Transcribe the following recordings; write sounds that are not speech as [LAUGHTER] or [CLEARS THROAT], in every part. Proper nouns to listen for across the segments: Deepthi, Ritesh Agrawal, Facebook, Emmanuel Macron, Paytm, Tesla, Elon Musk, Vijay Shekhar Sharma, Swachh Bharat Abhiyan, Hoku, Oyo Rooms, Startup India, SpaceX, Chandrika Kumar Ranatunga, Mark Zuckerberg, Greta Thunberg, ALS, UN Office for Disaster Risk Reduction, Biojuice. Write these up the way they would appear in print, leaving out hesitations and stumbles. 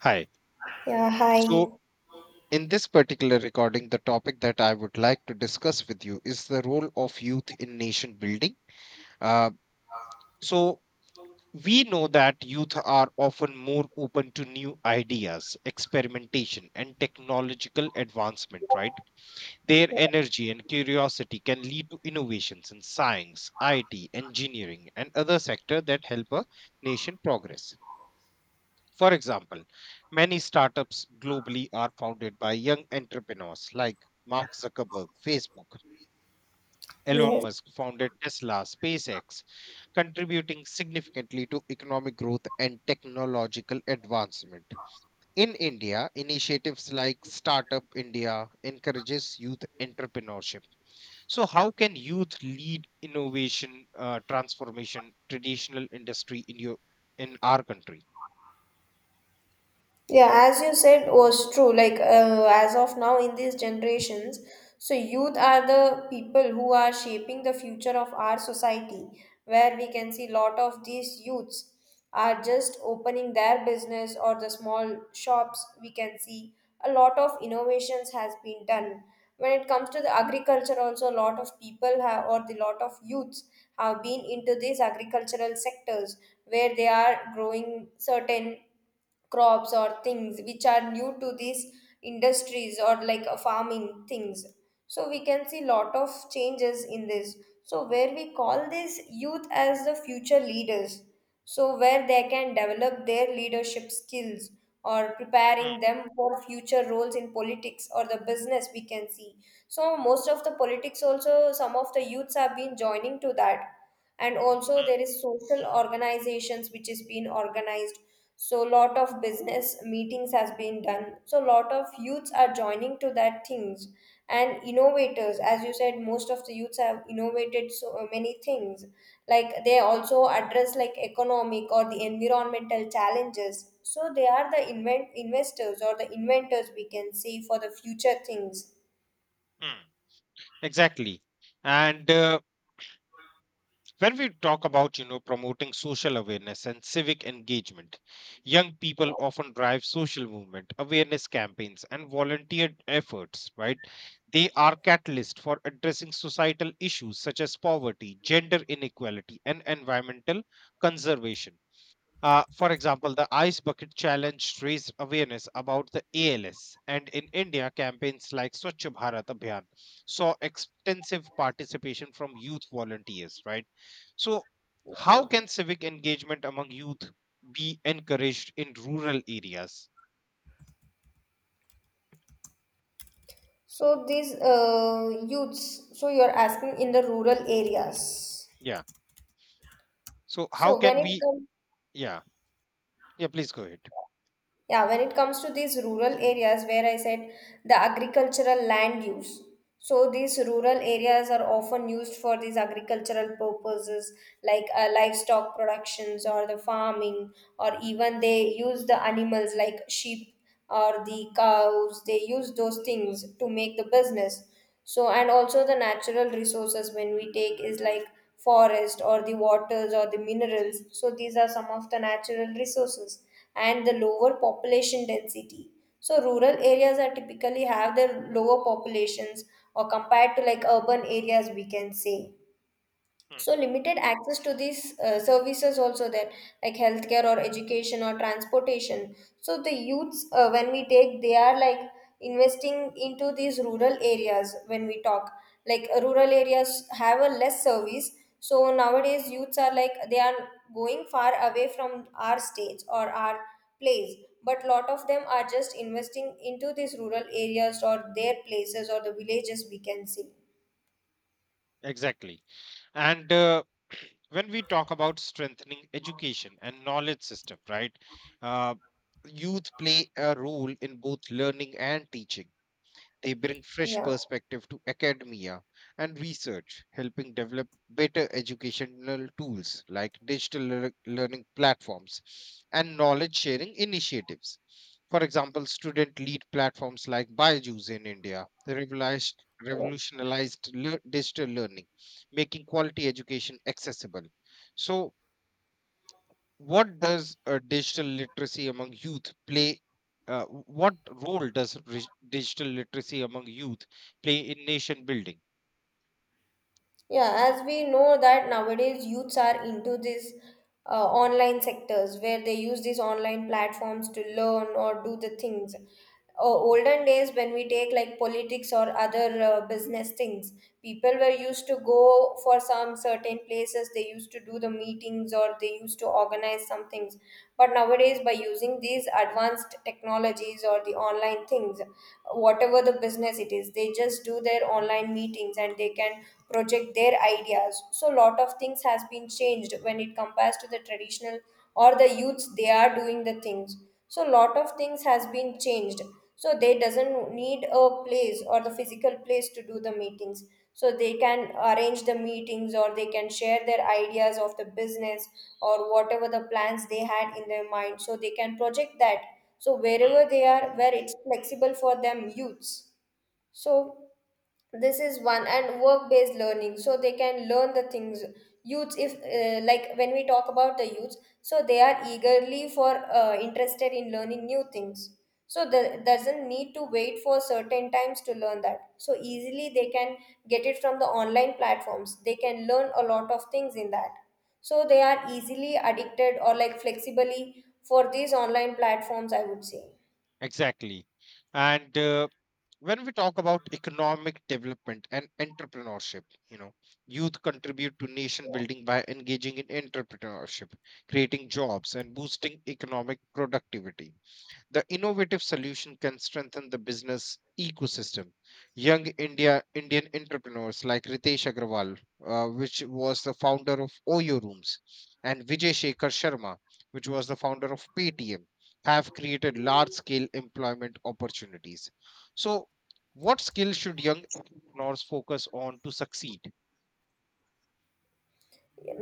Hi. Ja, hi. So, in this particular recording, the topic that I would like to discuss with you is the role of youth in nation building. Uh, so, we know that youth are often more open to new ideas, experimentation, and technological advancement, right? Their energy and curiosity can lead to innovations in science, IT, engineering, and other sectors that help a nation progress. For example, many startups globally are founded by young entrepreneurs like Mark Zuckerberg, Facebook. Wir Elon Musk founded Tesla, SpaceX, contributing significantly to economic growth and technological advancement. In India, initiatives like Startup India encourages youth entrepreneurship. So, how can youth lead innovation transformation traditional industry in your in our country? yeah, as you said, was true. Like as of now, in these generations, so youth are the people who are shaping the future of our society, where we can see lot of these youths are just opening their business or the small shops. We can see a lot of innovations has been done. When it comes to the agriculture, also a lot of people have, or the lot of youths have been into these agricultural sectors where they are growing certain crops or things which are new to these industries or like farming things, so we can see lot of changes in this, so where we call this youth as the future leaders, so where they can develop their leadership skills or Hmm, preparing them for future roles in politics or the business we can see. So most of the politics also some of the youths have been joining to that, and also hmm, there is social organizations which is being organized, so lot of business meetings has been done, so lot of youths are joining to that things. And innovators, as you said, most of the youths have innovated so many things, like they also address like economic or the environmental challenges, so they are the invent investors or the inventors, we can say, for the future things. hmm. Exactly. And When we talk about, you know, promoting social awareness and civic engagement, young people often drive social movement, awareness campaigns, and volunteer efforts, right? They are catalysts for addressing societal issues such as poverty, gender inequality, and environmental conservation. For example, the Ice Bucket Challenge raised awareness about the ALS, and in India, campaigns like Swachh Bharat Abhiyan saw extensive participation from youth volunteers, right? So, how can civic engagement among youth be encouraged in rural areas? So these youths, so you're asking in the rural areas. Yeah. So, how So when can it we? comes, Yeah. Yeah, please go ahead. yeah, when it comes to these rural areas, where I said the agricultural land use. So these rural areas are often used for these agricultural purposes, like livestock productions or the farming, or even they use the animals like sheep or the cows, they use those things to make the business. So and also the natural resources when we take is like forest or the waters or the minerals, so these are some of the natural resources. And the lower population density, so rural areas are typically have their lower populations or compared to like urban areas we can say. Hmm, So limited access to these services also there, like healthcare or education or transportation. So the youths, when we take, they are like investing into these rural areas when we talk. Like rural areas have a less service. So nowadays youths are like they are going far away from our states or our place. But lot of them are just investing into these rural areas or their places or the villages we can see. Exactly. And [CLEARS THROAT] when we talk about strengthening education and knowledge system, right? Uh, youth play a role in both learning and teaching, they bring fresh Yeah. perspective to academia and research, helping develop better educational tools like digital learning platforms and knowledge sharing initiatives. For example, student lead platforms like Biojuice in India revolutionized digital learning, making quality education accessible. So, what does digital literacy among youth play what role does digital literacy among youth play in nation building. Yeah, as we know that nowadays youths are into these online sectors where they use these online platforms to learn or do the things. Olden days, when we take like politics or other business things, people were used to go for some certain places, they used to do the meetings or they used to organize some things. But nowadays, by using these advanced technologies or the online things, whatever the business it is, they just do their online and meetings and they can project their ideas, so lot of things has been changed when it compares to the traditional, or the youths they are doing the things, so lot of things has been changed, so they doesn't need a place or the physical place to do the meetings, so they can arrange the meetings or they can share their ideas of the business or whatever the plans they had in their mind, so they can project that. So wherever they are, where it's flexible for them youths, so this is one. And work based learning, so they can learn the things. Youths, if like, when we talk about the youths, so they are eagerly for interested in learning new things, so the doesn't need to wait for certain times to learn that, so easily they can get it from the online platforms, they can learn a lot of things in that. So they are easily addicted or like flexibly for these online platforms, I would say. Exactly. And When we talk about economic development and entrepreneurship, you know, youth contribute to nation building by engaging in entrepreneurship, creating jobs, and boosting economic productivity. The innovative solution can strengthen the business ecosystem. Young India Indian entrepreneurs like Ritesh Agrawal, which was the founder of Oyo Rooms, and Vijay Shekhar Sharma, which was the founder of Paytm, have created large-scale employment opportunities. So, what skills should young entrepreneurs focus on to succeed?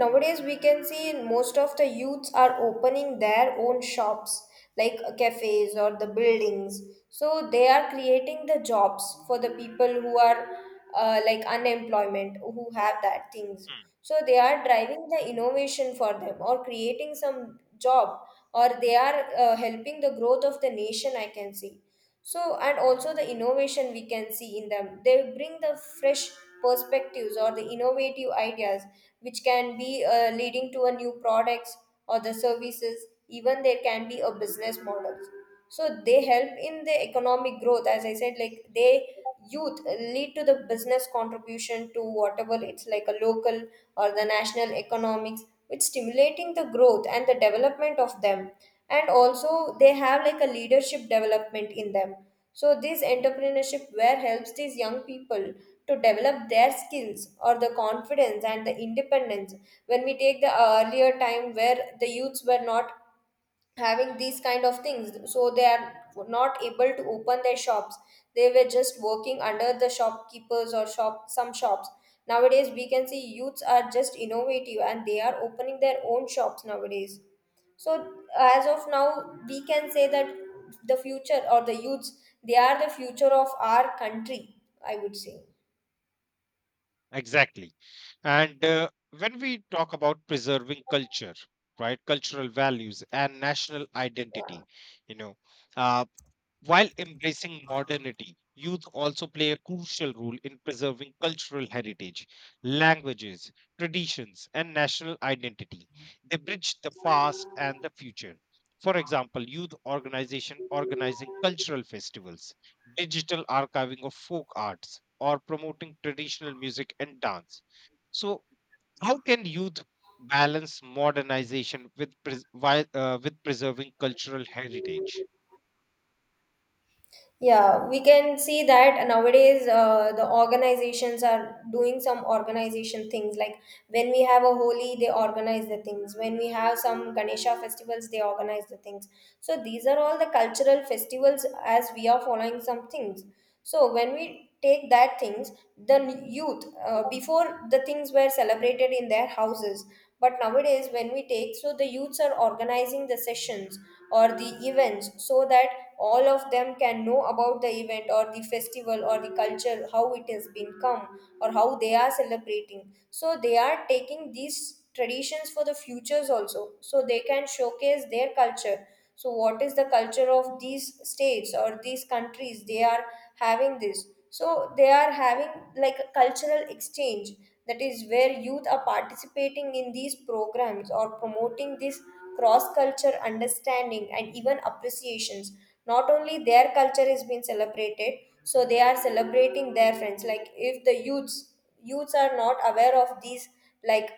Nowadays we can see most of the youths are opening their own shops, like cafes or the buildings, so they are creating the jobs for the people who are like unemployment, who have that things. So they are driving the innovation for them or creating some job, or they are helping the growth of the nation, I can see. So and also the innovation we can see in them, they bring the fresh perspectives or the innovative ideas, which can be leading to a new products or the services, even there can be a business models. So they help in the economic growth. As I said, like they, youth lead to the business contribution to whatever it's like a local or the national economics, which stimulating the growth and the development of them. And also they have like a leadership development in them, so this entrepreneurship where helps these young people to develop their skills or the confidence and the independence. When we take the earlier time where the youths were not having these kind of things, so they are not able to open their shops, they were just working under the shopkeepers or shop some shops. Nowadays we can see youths are just innovative and they are opening their own shops nowadays. So as of now, we can say that the future or the youths, they are the future of our country, I would say. Exactly. And When we talk about preserving culture, right, cultural values and national identity, you know, uh, while embracing modernity, youth also play a crucial role in preserving cultural heritage, languages, traditions, and national identity. They bridge the past and the future. For example, youth organization organizing cultural festivals, digital archiving of folk arts, or promoting traditional music and dance. So, how can youth balance modernization with preserving cultural heritage? Yeah, we can see that nowadays the organizations are doing some organization things. Like when we have a Holi, they organize the things. When we have some Ganesha festivals, they organize the things. So these are all the cultural festivals, as we are following some things. So when we take that things, the youth, before, the things were celebrated in their houses, but nowadays when we take, so the youths are organizing the sessions or the events, so that all of them can know about the event or the festival or the culture, how it has been come or how they are celebrating. So they are taking these traditions for the futures also, so they can showcase their culture. So what is the culture of these states or these countries, they are having this, so they are having like a cultural exchange. That is where youth are participating in these programs or promoting this cross culture understanding and even appreciations. Not only their culture is being celebrated, so they are celebrating their friends. Like if the youths, are not aware of these, like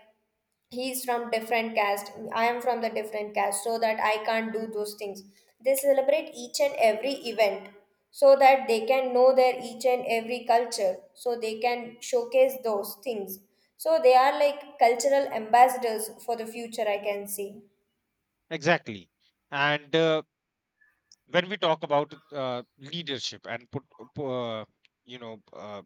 he's from different caste, I am from the different caste, so that I can't do those things. They celebrate each and every event, so that they can know their each and every culture, so they can showcase those things. So they are like cultural ambassadors for the future, I can see. Exactly. And When we talk about leadership uh, you know uh,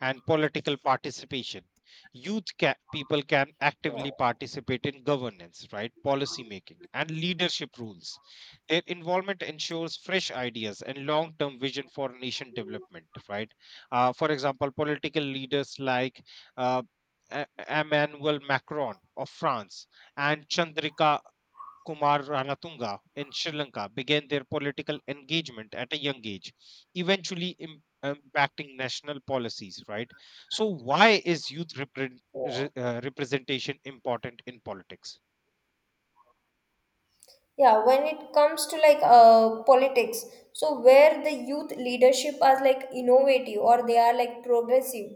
and political participation, people can Yeah. actively participate in governance, right? Policy making and leadership rules. Their involvement ensures fresh ideas and long-term vision for nation development, right? For example, political leaders like uh, Emmanuel Macron of France and Chandrika Kumar Ranatunga in Sri Lanka began their political engagement at a young age, eventually impacting national policies, right? So, why is representation important in politics? Yeah, when it comes to like politics, so where the youth leadership are like innovative or they are like progressive,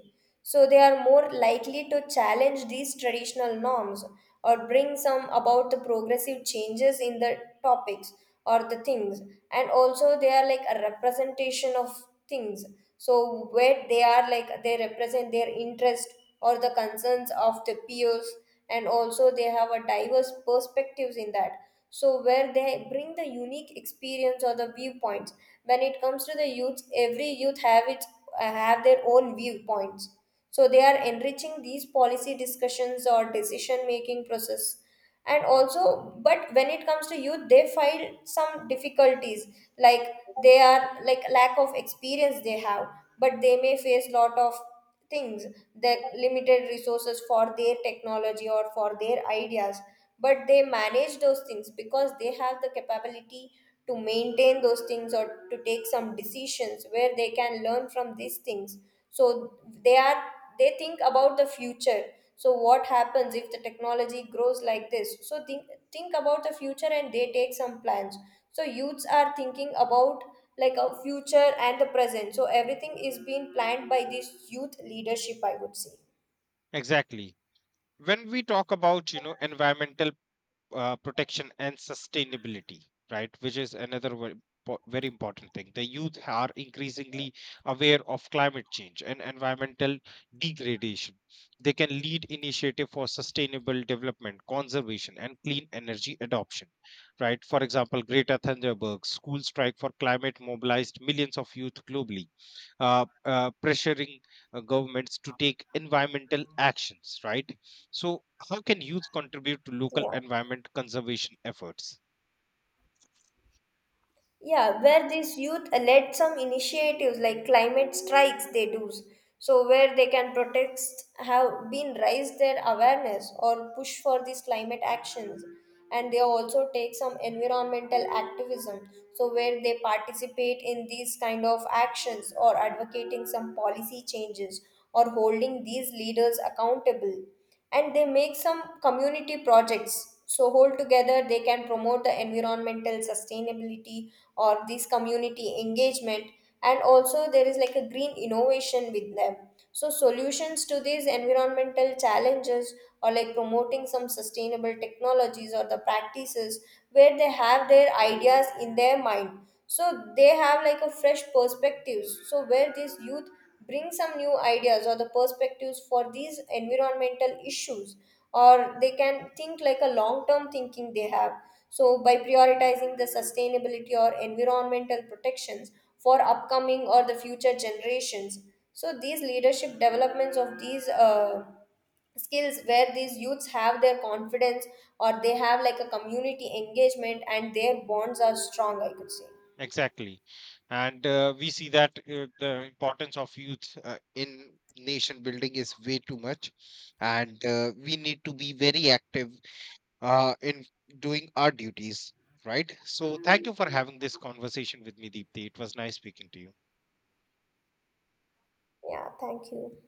so they are more likely to challenge these traditional norms or bring some about the progressive changes in the topics or the things. And also they are like a representation of things, so where they are like they represent their interest or the concerns of the peers. And also they have a diverse perspectives in that, so where they bring the unique experience or the viewpoints. When it comes to the youths, every youth have its have their own viewpoints, so they are enriching these policy discussions or decision making process. And also, but when it comes to youth, they find some difficulties, like they are like lack of experience they have, but they may face lot of things, that limited resources for their technology or for their ideas. But they manage those things because they have the capability to maintain those things or to take some decisions, where they can learn from these things. So they are, they think about the future, so what happens if the technology grows like this, so think about the future and they take some plans. So youths are thinking about like a future and the present, so everything is being planned by this youth leadership, I would say. Exactly. When we talk about, you know, environmental protection and sustainability, right? Which is another very important thing. The youth are increasingly aware of climate change and environmental degradation. They can lead initiative for sustainable development, conservation, and clean energy adoption, right? For example, Greta Thunberg school strike for climate mobilized millions of youth globally, pressuring governments to take environmental actions, right? So, how can youth contribute to local Yeah. environment conservation efforts? Yeah, where these youth led some initiatives like climate strikes, they do. So, where they can protest, have been raised their awareness or push for these climate actions. And they also take some environmental activism. So, where they participate in these kind of actions or advocating some policy changes or holding these leaders accountable, and they make some community projects, so hold together they can promote the environmental sustainability or this community engagement. And also there is like a green innovation with them, so solutions to these environmental challenges or like promoting some sustainable technologies or the practices, where they have their ideas in their mind. So they have like a fresh perspectives, so where this youth bring some new ideas or the perspectives for these environmental issues, or they can think like a long term thinking they have. So by prioritizing the sustainability or environmental protections for upcoming or the future generations, so these leadership developments of these skills where these youths have their confidence, or they have like a community engagement and their bonds are strong, I could say. Exactly. and We see that the importance of youth in nation building is way too much, and we need to be very active in doing our duties, right? So thank you for having this conversation with me, Deepthi. It was nice speaking to you. Yeah, thank you.